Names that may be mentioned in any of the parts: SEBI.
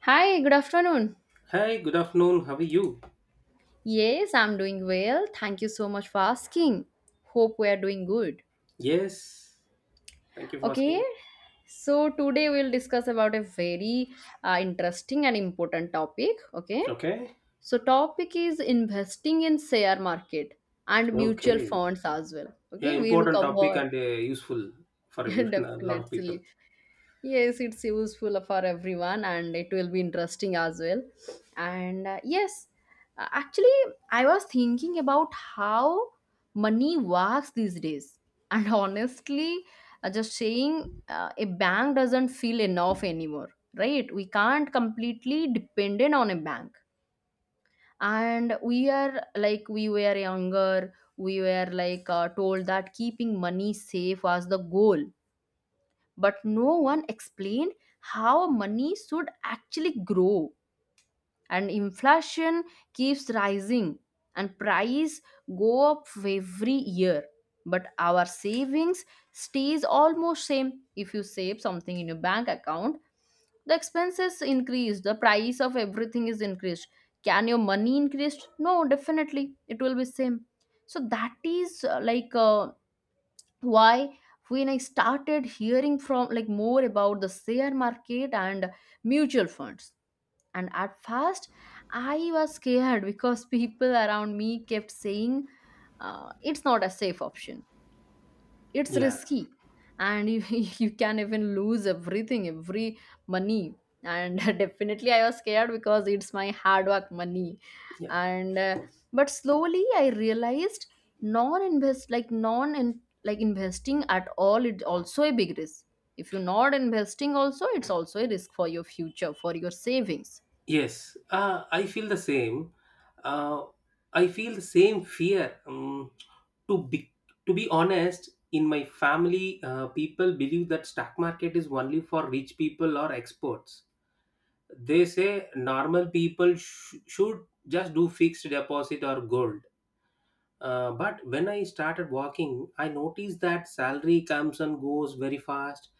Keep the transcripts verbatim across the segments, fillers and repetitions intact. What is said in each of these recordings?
Hi, good afternoon. Hi, good afternoon. How are you? Yes, I'm doing well. Thank you so much for asking. Hope we are doing good. Yes, thank you for Okay, asking. so today we'll discuss about a very uh, interesting and important topic. Okay, Okay, so topic is investing in share market and mutual okay. funds as well. Yeah, Okay, we'll important topic cover. and uh, useful for everyone, a lot of people. Definitely. Yes, it's useful for everyone and it will be interesting as well. And uh, yes, uh, actually, I was thinking about how money works these days. And honestly, uh, just saying uh, a bank doesn't feel enough anymore, right? We can't completely dependent on a bank. And we are like we were younger, we were like uh, told that keeping money safe was the goal, but no one explained how money should actually grow, and inflation keeps rising and price go up every year, but our savings stays almost same. If you save something in your bank account, the expenses increase, the price of everything is increased. Can your money increase? No, definitely it will be same. So that is uh, like uh, why, when I started hearing from like more about the share market and mutual funds, and at first I was scared because people around me kept saying, uh, it's not a safe option, it's Yeah, risky, and you, you can even lose everything, every money. And definitely I was scared because it's my hard work money. yeah. And uh, but slowly I realized non invest like non in, like investing at all, it's also a big risk. If you're not investing also, it's also a risk for your future, for your savings. Yes, uh, I feel the same. Uh, I feel the same fear. Um, to be to be honest, in my family, uh, people believe that stock market is only for rich people or experts. They say normal people sh- should just do fixed deposit or gold. Uh, but when I started walking, I noticed that salary comes and goes very fast.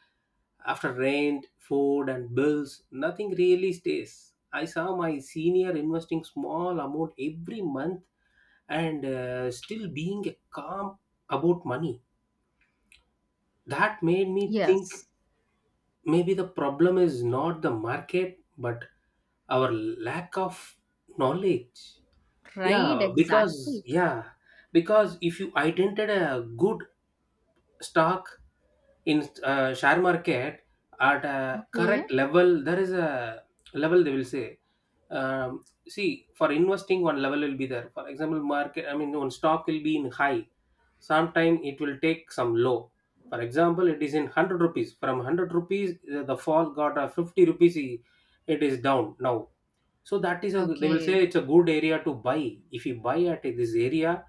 After rent, food, and bills, nothing really stays. I saw my senior investing small amount every month and uh, still being calm about money. That made me think Yes, maybe the problem is not the market but our lack of knowledge. right, Yeah, because exactly. yeah, because if you identified a good stock in uh, share market at a Okay, correct level, there is a level they will say. um, See, for investing one level will be there. For example, market, I mean one stock will be in high, sometime it will take some low. For example, it is in 100 rupees. From 100 rupees the the fall got a 50 rupees. I- it is down now, so that is a, they will say, okay, it's a good area to buy. If you buy at this area,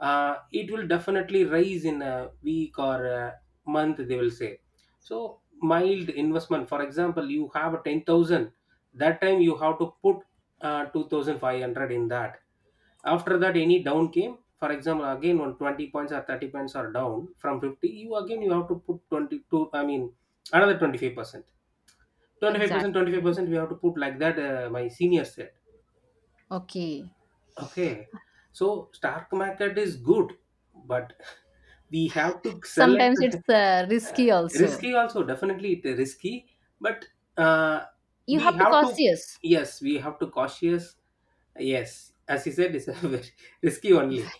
uh, it will definitely rise in a week or a month, they will say. So mild investment. For example, you have a ten thousand. That time you have to put uh, two thousand five hundred in that. After that, any down came. For example, again on twenty points or thirty points are down from fifty. You again, you have to put twenty two. I mean another twenty five percent. 25% exactly, 25% we have to put, like that uh, my senior said. okay. Okay. So stock market is good, but we have to select. Sometimes it's uh, uh, risky also. Risky also. Definitely it is risky, but uh, You we have to have to cautious. yes, we have to cautious. Yes, as you said, it's a very risky only.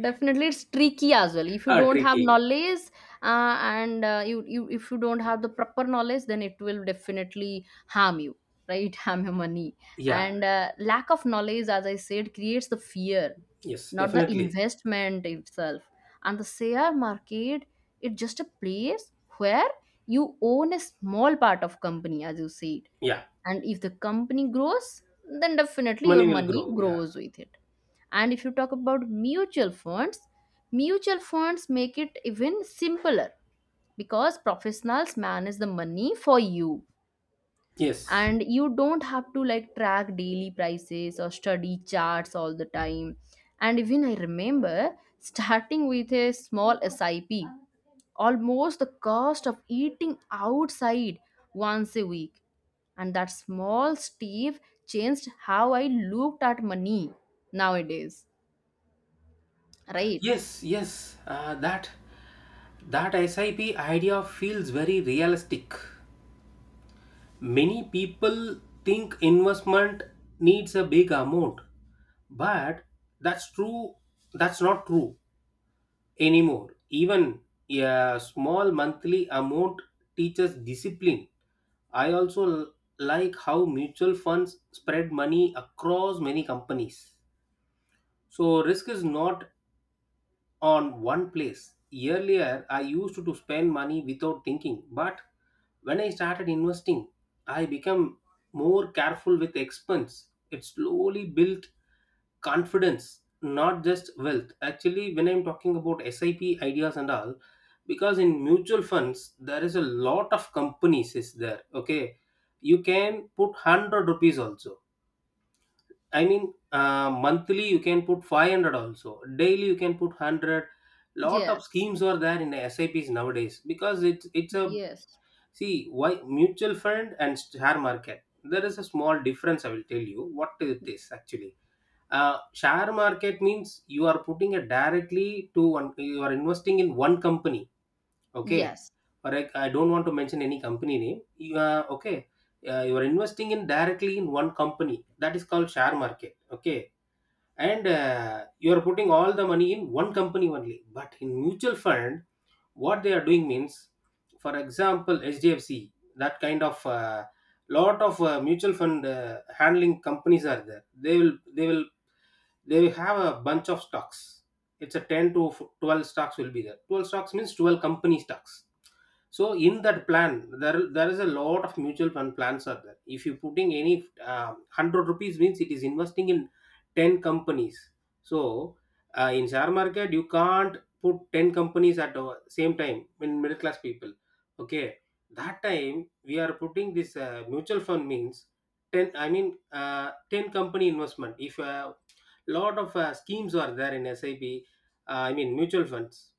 Definitely it's tricky as well if you Uh, don't have Tricky. knowledge, uh, and uh, you, you if you don't have the proper knowledge, then it will definitely harm you, right? Harm your money. Yeah. And uh, lack of knowledge, as I said, creates the fear, Yes. not the Definitely. investment itself. And the share market, it's just a place where you own a small part of company, as you said. Yeah. And if the company grows, then definitely your Money will money grow. Yeah. grows with it. And if you talk about mutual funds, mutual funds make it even simpler because professionals manage the money for you, Yes. and you don't have to like track daily prices or study charts all the time. And even I remember starting with a small SIP, almost the cost of eating outside once a week, and that small step changed how I looked at money nowadays, right? Yes. Yes. Uh, that that S I P idea feels very realistic. Many people think investment needs a big amount, but that's true. That's not true anymore. Even a small monthly amount teaches discipline. I also l- like how mutual funds spread money across many companies. So risk is not on one place. Earlier, I used to spend money without thinking, but when I started investing, I became more careful with expense. It slowly built confidence, not just wealth. Actually, when I'm talking about S I P ideas and all, because in mutual funds there is a lot of companies is there. Okay, you can put one hundred rupees also. I mean, uh, monthly you can put five hundred also. Daily you can put one hundred. Lot of Yes, schemes are there in S I Ps nowadays, because it's it's a. yes, See, why mutual fund and share market, there is a small difference. I will tell you what it is actually. Uh, share market means you are putting it directly to one. You are investing in one company. Okay, yes, or I, I don't want to mention any company name. You are okay. Uh, you are investing in directly in one company, that is called share market. Okay, and uh, you are putting all the money in one company only, but in mutual fund what they are doing means, for example hdfc, that kind of uh, lot of uh, mutual fund uh, handling companies are there. They will they will they will have a bunch of stocks. It's a ten to twelve stocks will be there. twelve stocks means twelve company stocks. So in that plan there there is a lot of mutual fund plans are there. If you putting any uh, one hundred rupees means it is investing in ten companies. So uh, in share market you can't put ten companies at the same time in middle class people. Okay, that time we are putting this uh, mutual fund means ten, I mean uh, ten company investment. If a lot of uh, schemes are there in sip, uh, I mean mutual funds,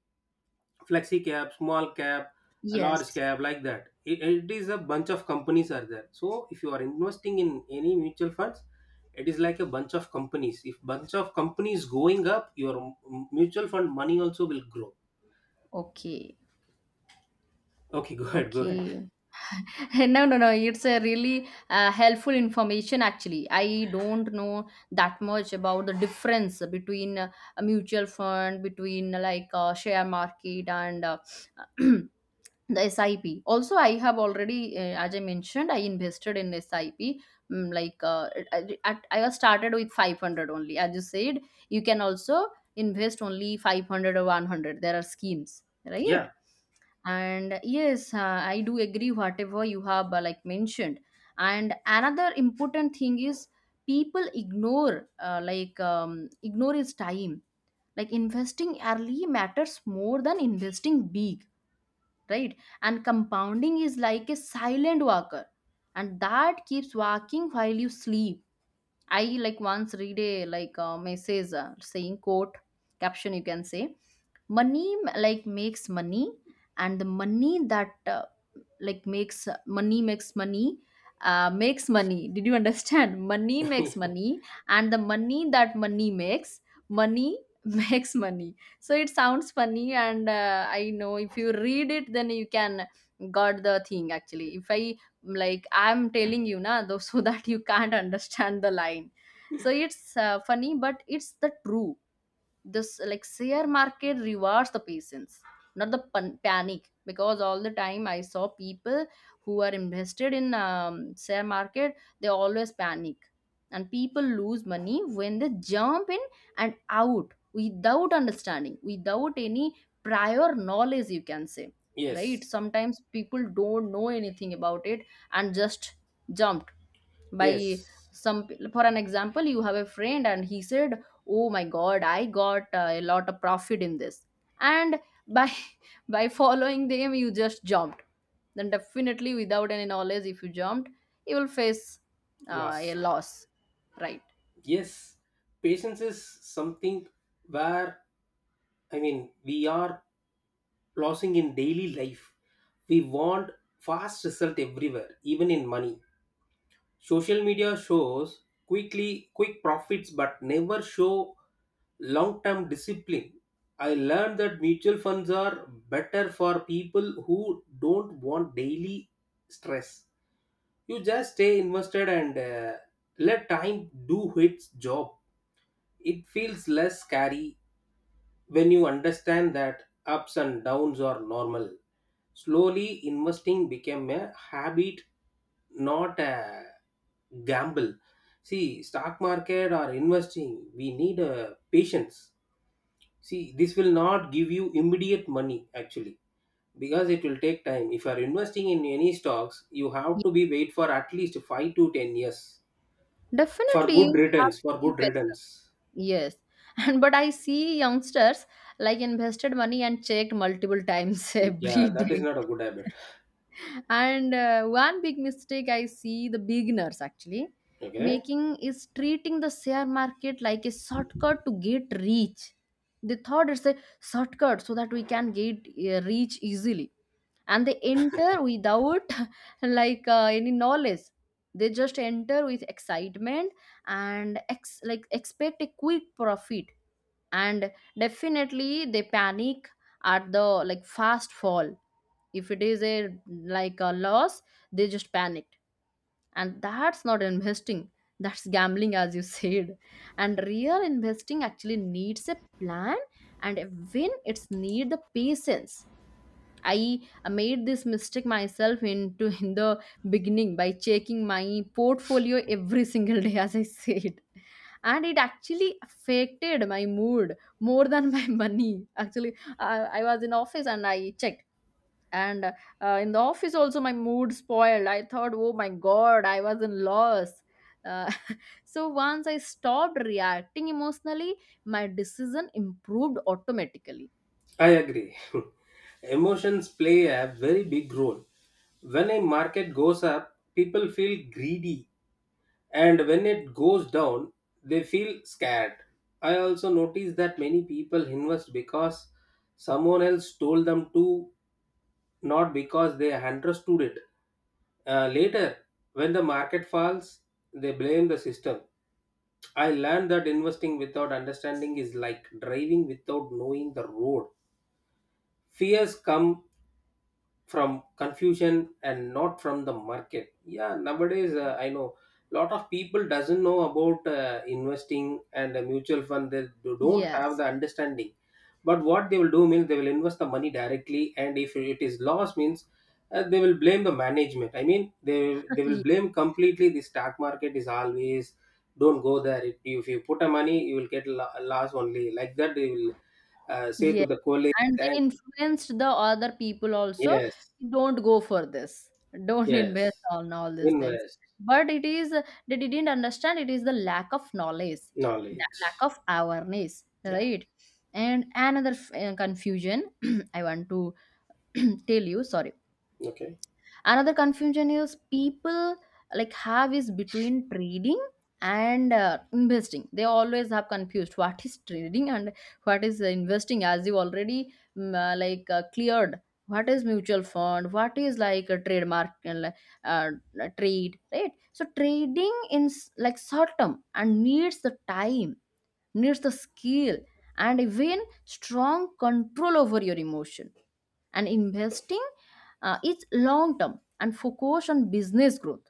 flexi cap, small cap, a large yes. cap, like that, it, it is a bunch of companies are there. So if you are investing in any mutual funds, it is like a bunch of companies. If bunch of companies going up, your m- mutual fund money also will grow. Okay, Okay. Go ahead, go ahead. okay. No, no, no. It's a really uh, helpful information, actually. I don't know that much about the difference between uh, a mutual fund, between uh, like uh, share market and uh, the S I P. Also, I have already, uh, as I mentioned, I invested in S I P. Mm, like uh, I, I I was started with five hundred only. As you said, you can also invest only five hundred or one hundred. There are schemes, right? Yeah. And yes, uh, I do agree whatever you have uh, like mentioned. And another important thing is people ignore uh, like um, ignore is time. Like investing early matters more than investing big, right? And compounding is like a silent walker, and that keeps walking while you sleep. I like once read a like a message uh, saying quote, caption you can say, money like makes money, and the money that uh, like makes money makes money, uh, makes money. Did you understand? Money makes money, and the money that money makes money makes money. So it sounds funny, and uh, I know if you read it, then you can got the thing actually. If I like I'm telling you na though, so that you can't understand the line. So it's uh, funny, but it's the true. This like share market rewards the patience, not the pan- panic, because all the time I saw people who are invested in um, share market, they always panic. And people lose money when they jump in and out without understanding, without any prior knowledge, you can say, right? Yes. Sometimes people don't know anything about it and just jump by Yes. some p- for an example, you have a friend and he said, oh my god, I got uh, a lot of profit in this. And by by following them, you just jumped. Then definitely without any knowledge, if you jumped, you will face uh, a Loss. loss, right? Yes. Patience is something where, I mean, we are losing in daily life. We want fast result everywhere, even in money. Social media shows quickly quick profits but never show long-term discipline. I learned that mutual funds are better for people who don't want daily stress. You just stay invested and uh, let time do its job. It feels less scary when you understand that ups and downs are normal. Slowly, investing became a habit, not a gamble. See, stock market or investing, we need uh, patience. See, this will not give you immediate money actually, because it will take time. If you are investing in any stocks, you have Ye- to be wait for at least five to ten years for Definitely good you have returns. to For be good patient. returns, Yes. And but I see youngsters like invested money and checked multiple times yeah, every that is day. not a good habit. And uh, one big mistake I see the beginners actually Okay. making is treating the share market like a shortcut to get rich. They thought it's a shortcut so that we can get uh, rich easily. And they enter without like uh, any knowledge. They just enter with excitement and ex- like expect a quick profit. And definitely they panic at the like fast fall. If it is a like a loss, they just panicked. And that's not investing, that's gambling, as you said. And real investing actually needs a plan, and when it's need the patience. I made this mistake myself into in the beginning by checking my portfolio every single day, as I said. And it actually affected my mood more than my money actually. I I was in office and I checked. And uh, in the office also my mood spoiled. I thought, oh my god, I was in loss. uh, so once I stopped reacting emotionally, my decision improved automatically. I agree. Emotions play a very big role. When a market goes up, people feel greedy, and when it goes down, they feel scared. I also notice that many people invest because someone else told them to, not because they understood it. Uh, later, when the market falls, they blame the system. I learned that investing without understanding is like driving without knowing the road. Fears come from confusion and not from the market. Yeah, nowadays uh, I know lot of people doesn't know about uh, investing and a mutual fund. They do- don't have the Yes. understanding, but what they will do means, they will invest the money directly. And if it is loss means uh, they will blame the management. I mean, they they will blame completely, the stock market is always, don't go there. If you if you put a money you will get lo- loss only, like that they will uh, say to Ye- the colleagues. And they And influenced the other people also, yes, "Don't go for this. Don't invest yes. on all these things." Invest. But it is uh, they didn't understand, it is the lack of knowledge, the lack Knowledge. of awareness, Yeah. right? And another f- uh, confusion I want to tell you, sorry, Okay. another confusion is people like have is between trading and uh, investing. They always have confused what is trading and what is investing. As you already mm, uh, like uh, cleared what is mutual fund, what is like a trademark uh, like, uh, trade, right? So trading in s- like short term and needs the time, needs the skill, and even strong control over your emotion. And investing uh, is long term and focused on business growth.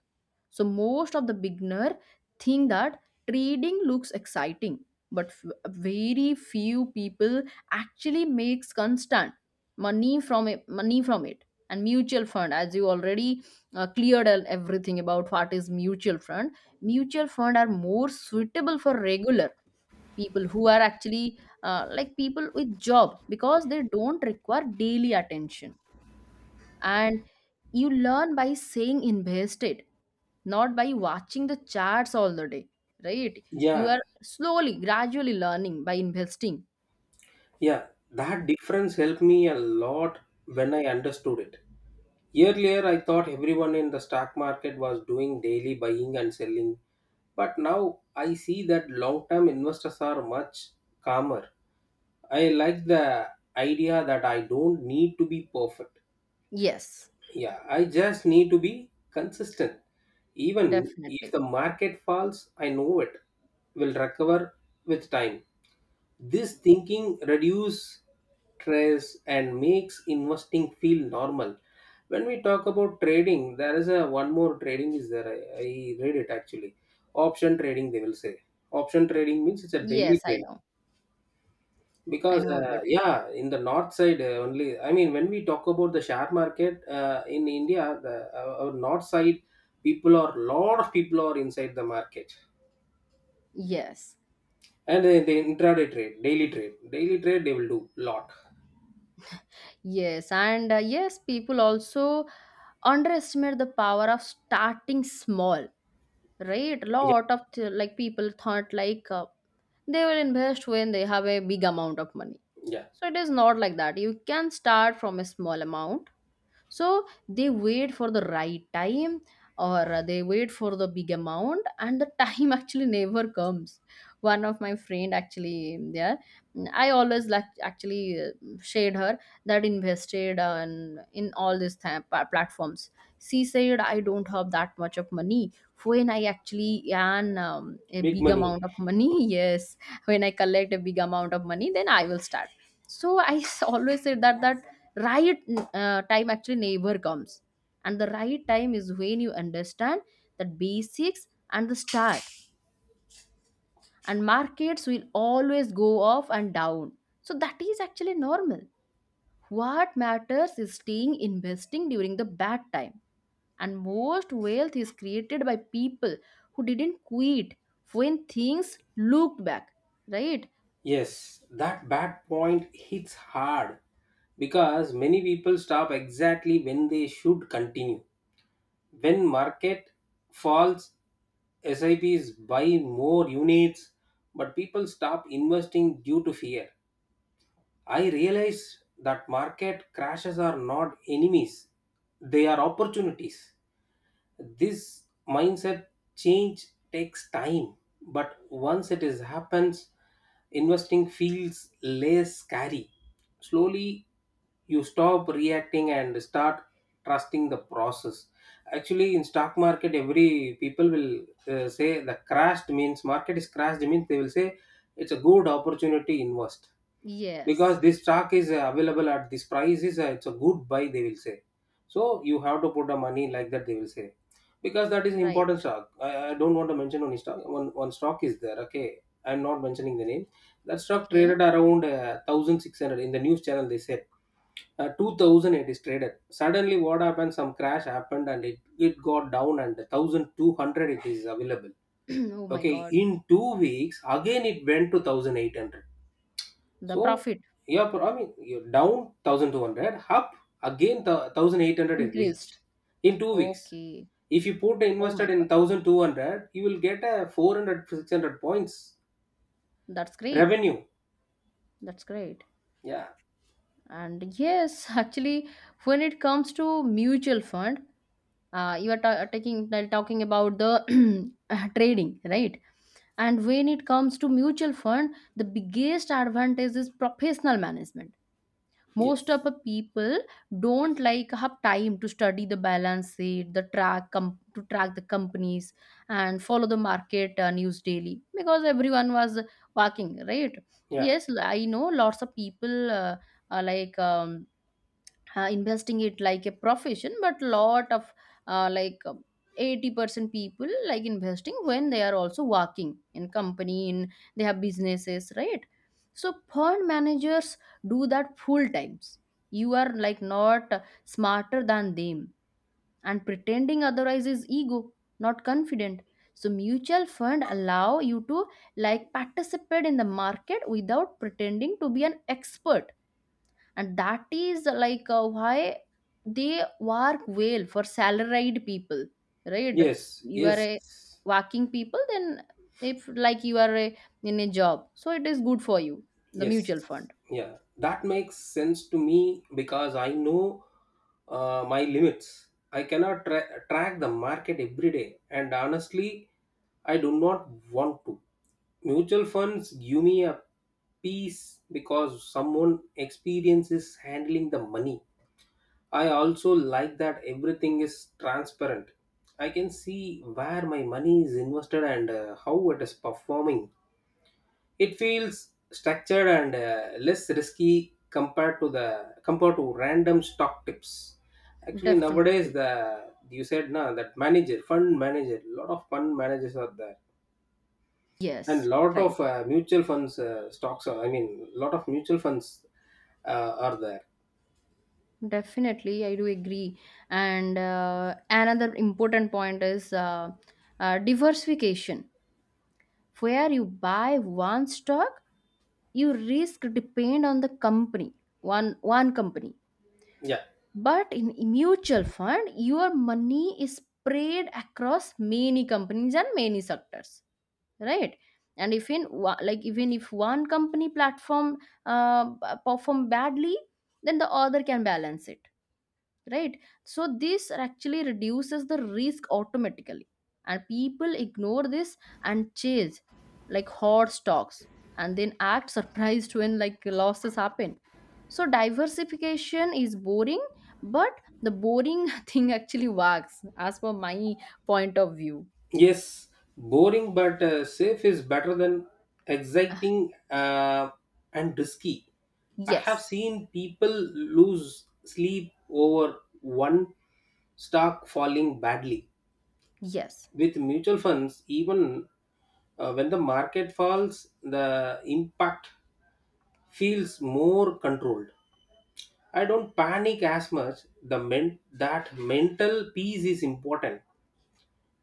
So most of the beginner think that trading looks exciting, but f- very few people actually makes constant money from it, money from it. And mutual fund, as you already uh, cleared el- everything about what is mutual fund, mutual fund are more suitable for regular people who are actually uh, like people with job because they don't require daily attention. And you learn by saying invested, not by watching the charts all the day, right? You Yeah, are slowly gradually learning by investing. yeah. That difference helped me a lot when I understood it. Earlier, I thought everyone in the stock market was doing daily buying and selling, but now I see that long term investors are much calmer. I like the idea that I don't need to be perfect. Yes, Yeah, I just need to be consistent. Even if definitely. the market falls, I know it will recover with time. This thinking reduces stress and makes investing feel normal. When we talk about trading, there is a one more trading is there. I, I read it actually. Option trading, they will say. Option trading means it's a daily Yes, I trade, know. I because know uh, about it. yeah, in the north side uh, only. I mean, when we talk about the share market uh, in India, the uh, our north side people are, lot of people are inside the market. Yes. And they, they intraday trade, daily trade, daily trade they will do lot. Yes, and uh, yes, people also underestimate the power of starting small, right? Yeah. Lot of th- like people thought like uh, they will invest when they have a big amount of money. Yeah. So it is not like that, you can start from a small amount. So they wait for the right time, or they wait for the big amount, and the time actually never comes. One of my friend actually there, I always like actually uh, shared her that invested on in all these th- platforms. She said, I don't have that much of money. When I actually earn um, a Big big money. amount of money, yes, when I collect a big amount of money, then I will start. So I always said that that, right, uh, time actually never comes. And the right time is when you understand the basics and the start. And markets will always go up and down, so that is actually normal. What matters is staying investing during the bad time. And most wealth is created by people who didn't quit when things looked back, right? Yes, that bad point hits hard, because many people stop exactly when they should continue. When market falls, S I Ps buy more units, but people stop investing due to fear. I realize that market crashes are not enemies, they are opportunities. This mindset change takes time, but once it is happens, investing feels less scary. Slowly, you stop reacting and start trusting the process. Actually, in stock market, every people will uh, say the crashed means, market is crashed means, they will say it's a good opportunity invest, because Yes, this stock is uh, available at this price is, uh, it's a good buy they will say. So you have to put the money, like that they will say, because that is an right, important stock. I, I don't want to mention, only stock one, one stock is there. Okay, I'm not mentioning the name. That stock okay. traded around uh, one thousand six hundred in the news channel they said. uh, two thousand it is traded. Suddenly what happened, some crash happened and it, it got down and one thousand two hundred it is available. Oh my Okay, god, in two weeks again it went to one thousand eight hundred. the So profit yeah, but I mean, you're down one thousand two hundred, up again th- one thousand eight hundred it increased, reached in two weeks. okay. If you put Oh invested my in God, one thousand two hundred, you will get a four hundred six hundred points that's great. revenue. That's great. Yeah, And yes, actually, when it comes to mutual fund, uh, you are ta- taking uh, talking about the uh, trading, right? And when it comes to mutual fund, the biggest advantage is professional management. Most yes, of the people don't like have time to study the balance sheet, the track com- to track the companies and follow the market uh, news daily because everyone was working, right? yeah, Yes, I know lots of people uh, are like um, uh, investing it like a profession, but lot of uh, like um, eighty percent people like investing when they are also working in company, in they have businesses, right? So fund managers do that full times. You are like not smarter than them, and pretending otherwise is ego, not confident. So mutual fund allow you to like participate in the market without pretending to be an expert, and that is like uh, why they work well for salaried people, right? yes, You are yes, a working people, then if like you are a, in a job, so it is good for you, the mutual yes, fund. yeah, that makes sense to me, because I know uh, my limits. I cannot tra- track the market every day, and honestly, I do not want to. Mutual funds give me a peace, because someone experiences handling the money. I also like that everything is transparent. I can see where my money is invested and uh, how it is performing. It feels structured and uh, less risky compared to the compared to random stock tips. Actually, nowadays Definitely. the you said na that manager fund manager lot of fund managers are there and Yes, lot right. of uh, mutual funds uh, stocks. Are, I mean, lot of mutual funds uh, are there. Definitely, I do agree. And uh, another important point is uh, uh, diversification. Where you buy one stock, you risk depend on the company, one one company. Yeah. But in mutual fund, your money is spread across many companies and many sectors, right? And if in wa- like even if one company platform uh, perform badly, then the other can balance it, right? So this actually reduces the risk automatically, and people ignore this and chase like hot stocks and then act surprised when like losses happen. So diversification is boring, but the boring thing actually works, as per my point of view. Yes, boring but uh, safe is better than exciting uh, and risky. I have Yes, seen people lose sleep over one stock falling badly. yes, With mutual funds, even uh, when the market falls, the impact feels more controlled. I don't panic as much. The men- that mental peace is important,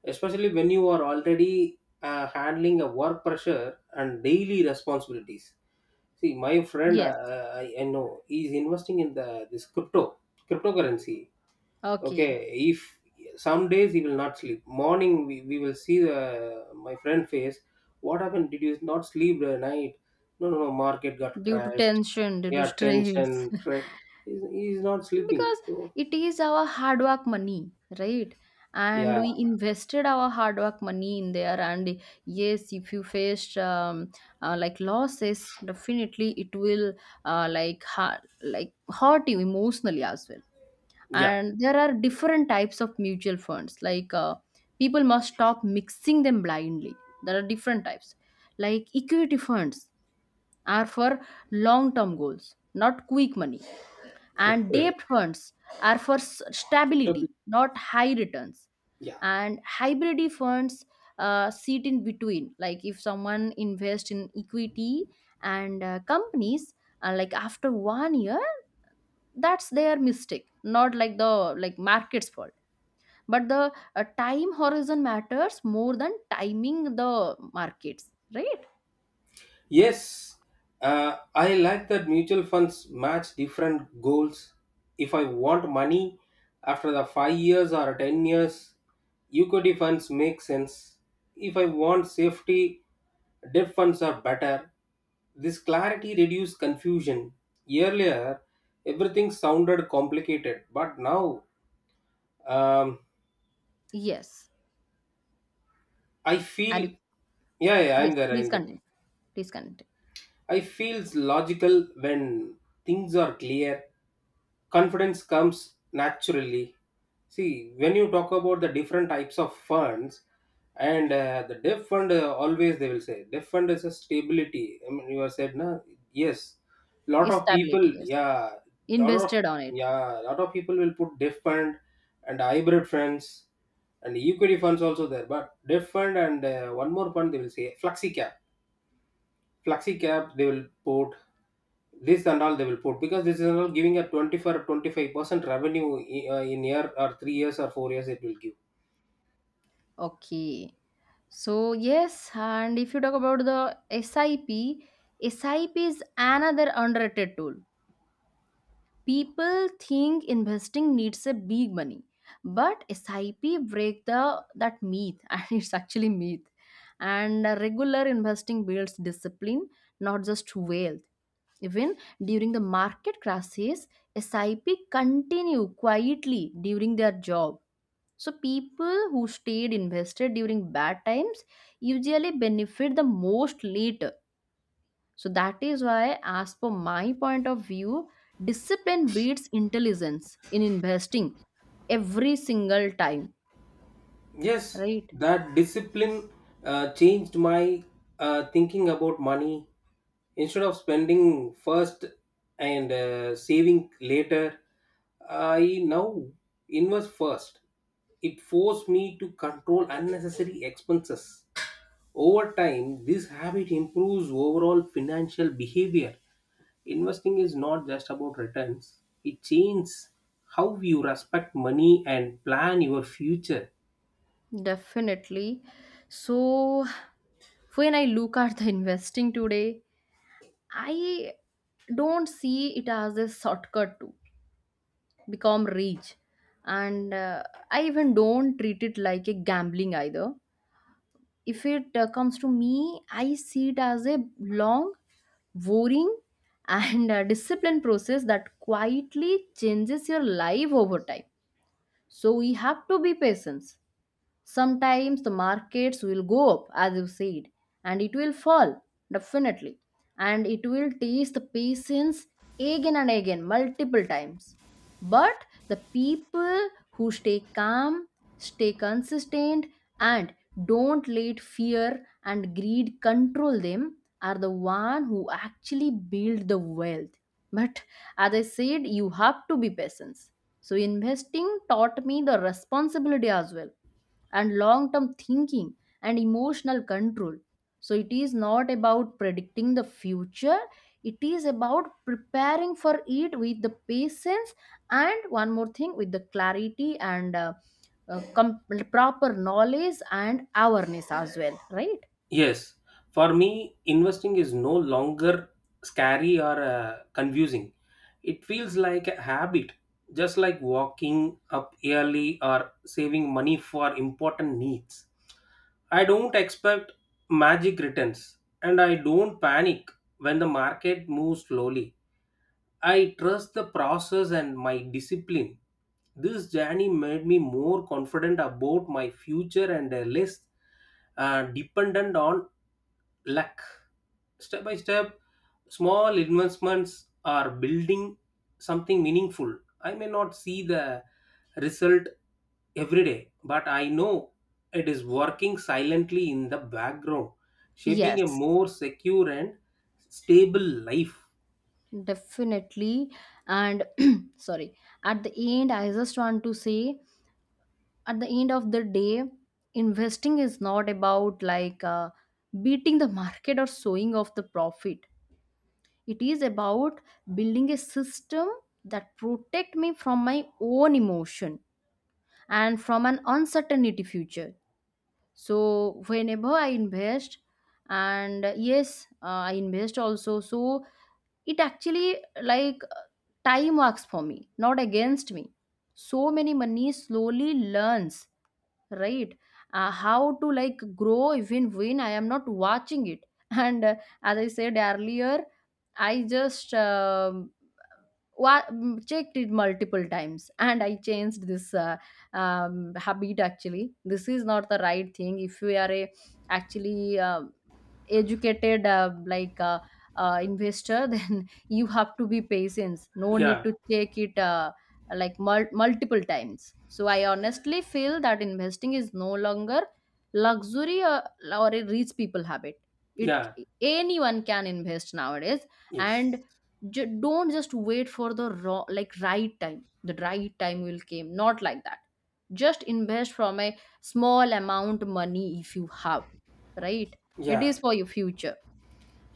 especially when you are already uh, handling a work pressure and daily responsibilities. See my friend, yes. uh, I, I know he's investing in the this crypto cryptocurrency. Okay, Okay. if some days he will not sleep, morning we, we will see the, my friend face. What happened, did you not sleep the night? No, no, no, market got Due to crashed. tension, due to Yeah, stress. tension, tre- he's, he's not sleeping, Because so it is our hard work money, right? And yeah. we invested our hard work money in there. And yes, if you faced um, uh, like losses, definitely it will uh, like ha- like hurt you emotionally as well. Yeah. And there are different types of mutual funds, like uh, people must stop mixing them blindly. There are different types, like equity funds are for long term goals, not quick money. And Okay. debt funds are for s- So stability, not high returns. yeah. And hybrid funds uh, sit in between. Like if someone invests in equity and uh, companies uh, like after one year, that's their mistake, not like the like market's fault. But the uh, time horizon matters more than timing the markets, right? Yes, uh, I like that mutual funds match different goals. If I want money after the five years or ten years, equity funds make sense. If I want safety, debt funds are better. This clarity reduces confusion. Earlier, everything sounded complicated, but now um, Yes, I are feel you? yeah, yeah, I'm Yes, there, please I'm there. continue, please continue. I feels logical when things are clear. Confidence comes naturally. See, when you talk about the different types of funds, and uh, the debt fund uh, always they will say debt fund is a stability. I mean, you have said na yes, lot of people, Stability, yes, yeah, lot of invested on it. yeah, lot of people will put debt fund and hybrid funds and equity funds also there, but debt fund and uh, one more fund they will say flexi cap, flexi cap they will put this and all they will put because this is all giving a twenty-four or twenty-five percent revenue i- uh, in year or three years or four years it will give. Okay. So, yes, and if you talk about the S I P, S I P is another underrated tool. People think investing needs a big money, but S I P break the that myth, and it's actually myth. And uh, regular investing builds discipline, not just wealth. Even during the market crashes, S I P continue quietly during their job. So people who stayed invested during bad times usually benefit the most later. So that is why, as per my point of view, discipline beats intelligence in investing every single time. Yes, Right? that discipline uh, changed my uh, thinking about money. Instead of spending first and uh, saving later, I now invest first. It forced me to control unnecessary expenses. Over time, this habit improves overall financial behavior. Investing is not just about returns, it changes how you respect money and plan your future. Definitely. So when I look at the investing today, I don't see it as a shortcut to become rich. And uh, I even don't treat it like a gambling either. If it uh, comes to me, I see it as a long, boring and uh, disciplined process that quietly changes your life over time. So we have to be patient. Sometimes the markets will go up, as you said, and it will fall, definitely. And it will test the patience again and again, multiple times. But the people who stay calm, stay consistent, and don't let fear and greed control them are the one who actually build the wealth. But as I said, you have to be patient. So investing taught me the responsibility as well, and long term thinking and emotional control. So, it is not about predicting the future, it is about preparing for it with the patience, and one more thing, with the clarity and uh, uh, com- proper knowledge and awareness as well, right? Yes, for me, investing is no longer scary or uh, confusing. It feels like a habit, just like walking up early or saving money for important needs. I don't expect magic returns and I don't panic when the market moves slowly. I trust the process and my discipline. This journey made me more confident about my future and uh, less uh, dependent on luck. Step by step, small investments are building something meaningful. I may not see the result every day, but I know it is working silently in the background, shaping a Yes, more secure and stable life. definitely. And sorry, at the end, I just want to say, at the end of the day, investing is not about like uh, beating the market or showing off the profit. It is about building a system that protect me from my own emotion and from an uncertainty future. So whenever I invest, and uh, yes, uh, I invest also, so it actually like uh, time works for me, not against me. So many money slowly learns, right, uh, how to like grow even when I am not watching it. And uh, as I said earlier, I just um, wa- mm, checked it multiple times, and I changed this uh, um, habit. Actually this is not the right thing if we are a actually uh, educated uh, like uh, uh, investor. Then you have to be patient, no need Yeah, to check it uh, like mul- multiple times. So I honestly feel that investing is no longer luxury, or, or a rich people habit. It, yeah. anyone can invest nowadays. And Yes. j- don't just wait for the raw, like right time. The right time will came, not like that. Just invest from a small amount money if you have, right? It Yeah. is for your future.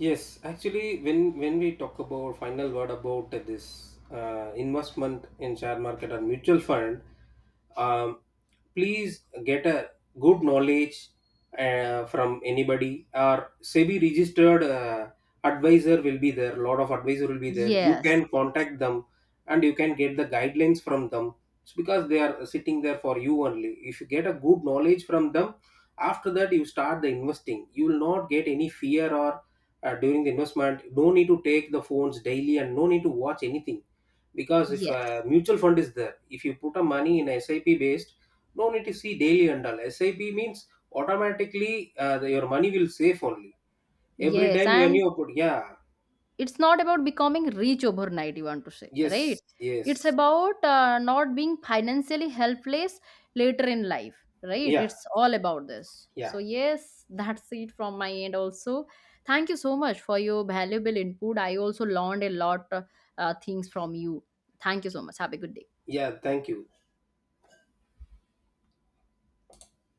Yes, actually, when when we talk about final word about this uh, investment in share market or mutual fund, um, please get a good knowledge uh, from anybody, or SEBI registered uh, advisor will be there. Lot of advisor will be there. You Yes, can yes, contact them, and you can get the guidelines from them. It's because they are sitting there for you only. If you get a good knowledge from them, after that you start the investing. You will not get any fear or uh, during the investment, no need to take the phones daily and no need to watch anything, because if uh, yes, mutual fund is there, if you put a money in sip based, no need to see daily and all sip means automatically uh, the- your money will save only every yes. time when And you put yeah. it's not about becoming rich overnight, you want to say, right? Yes, It's yes, about uh, not being financially helpless later in life, right? yeah, It's all about this. yeah, So, yes, that's it from my end also. Thank you so much for your valuable input. I also learned a lot uh, uh, things from you. Thank you so much. Have a good day. yeah, thank you.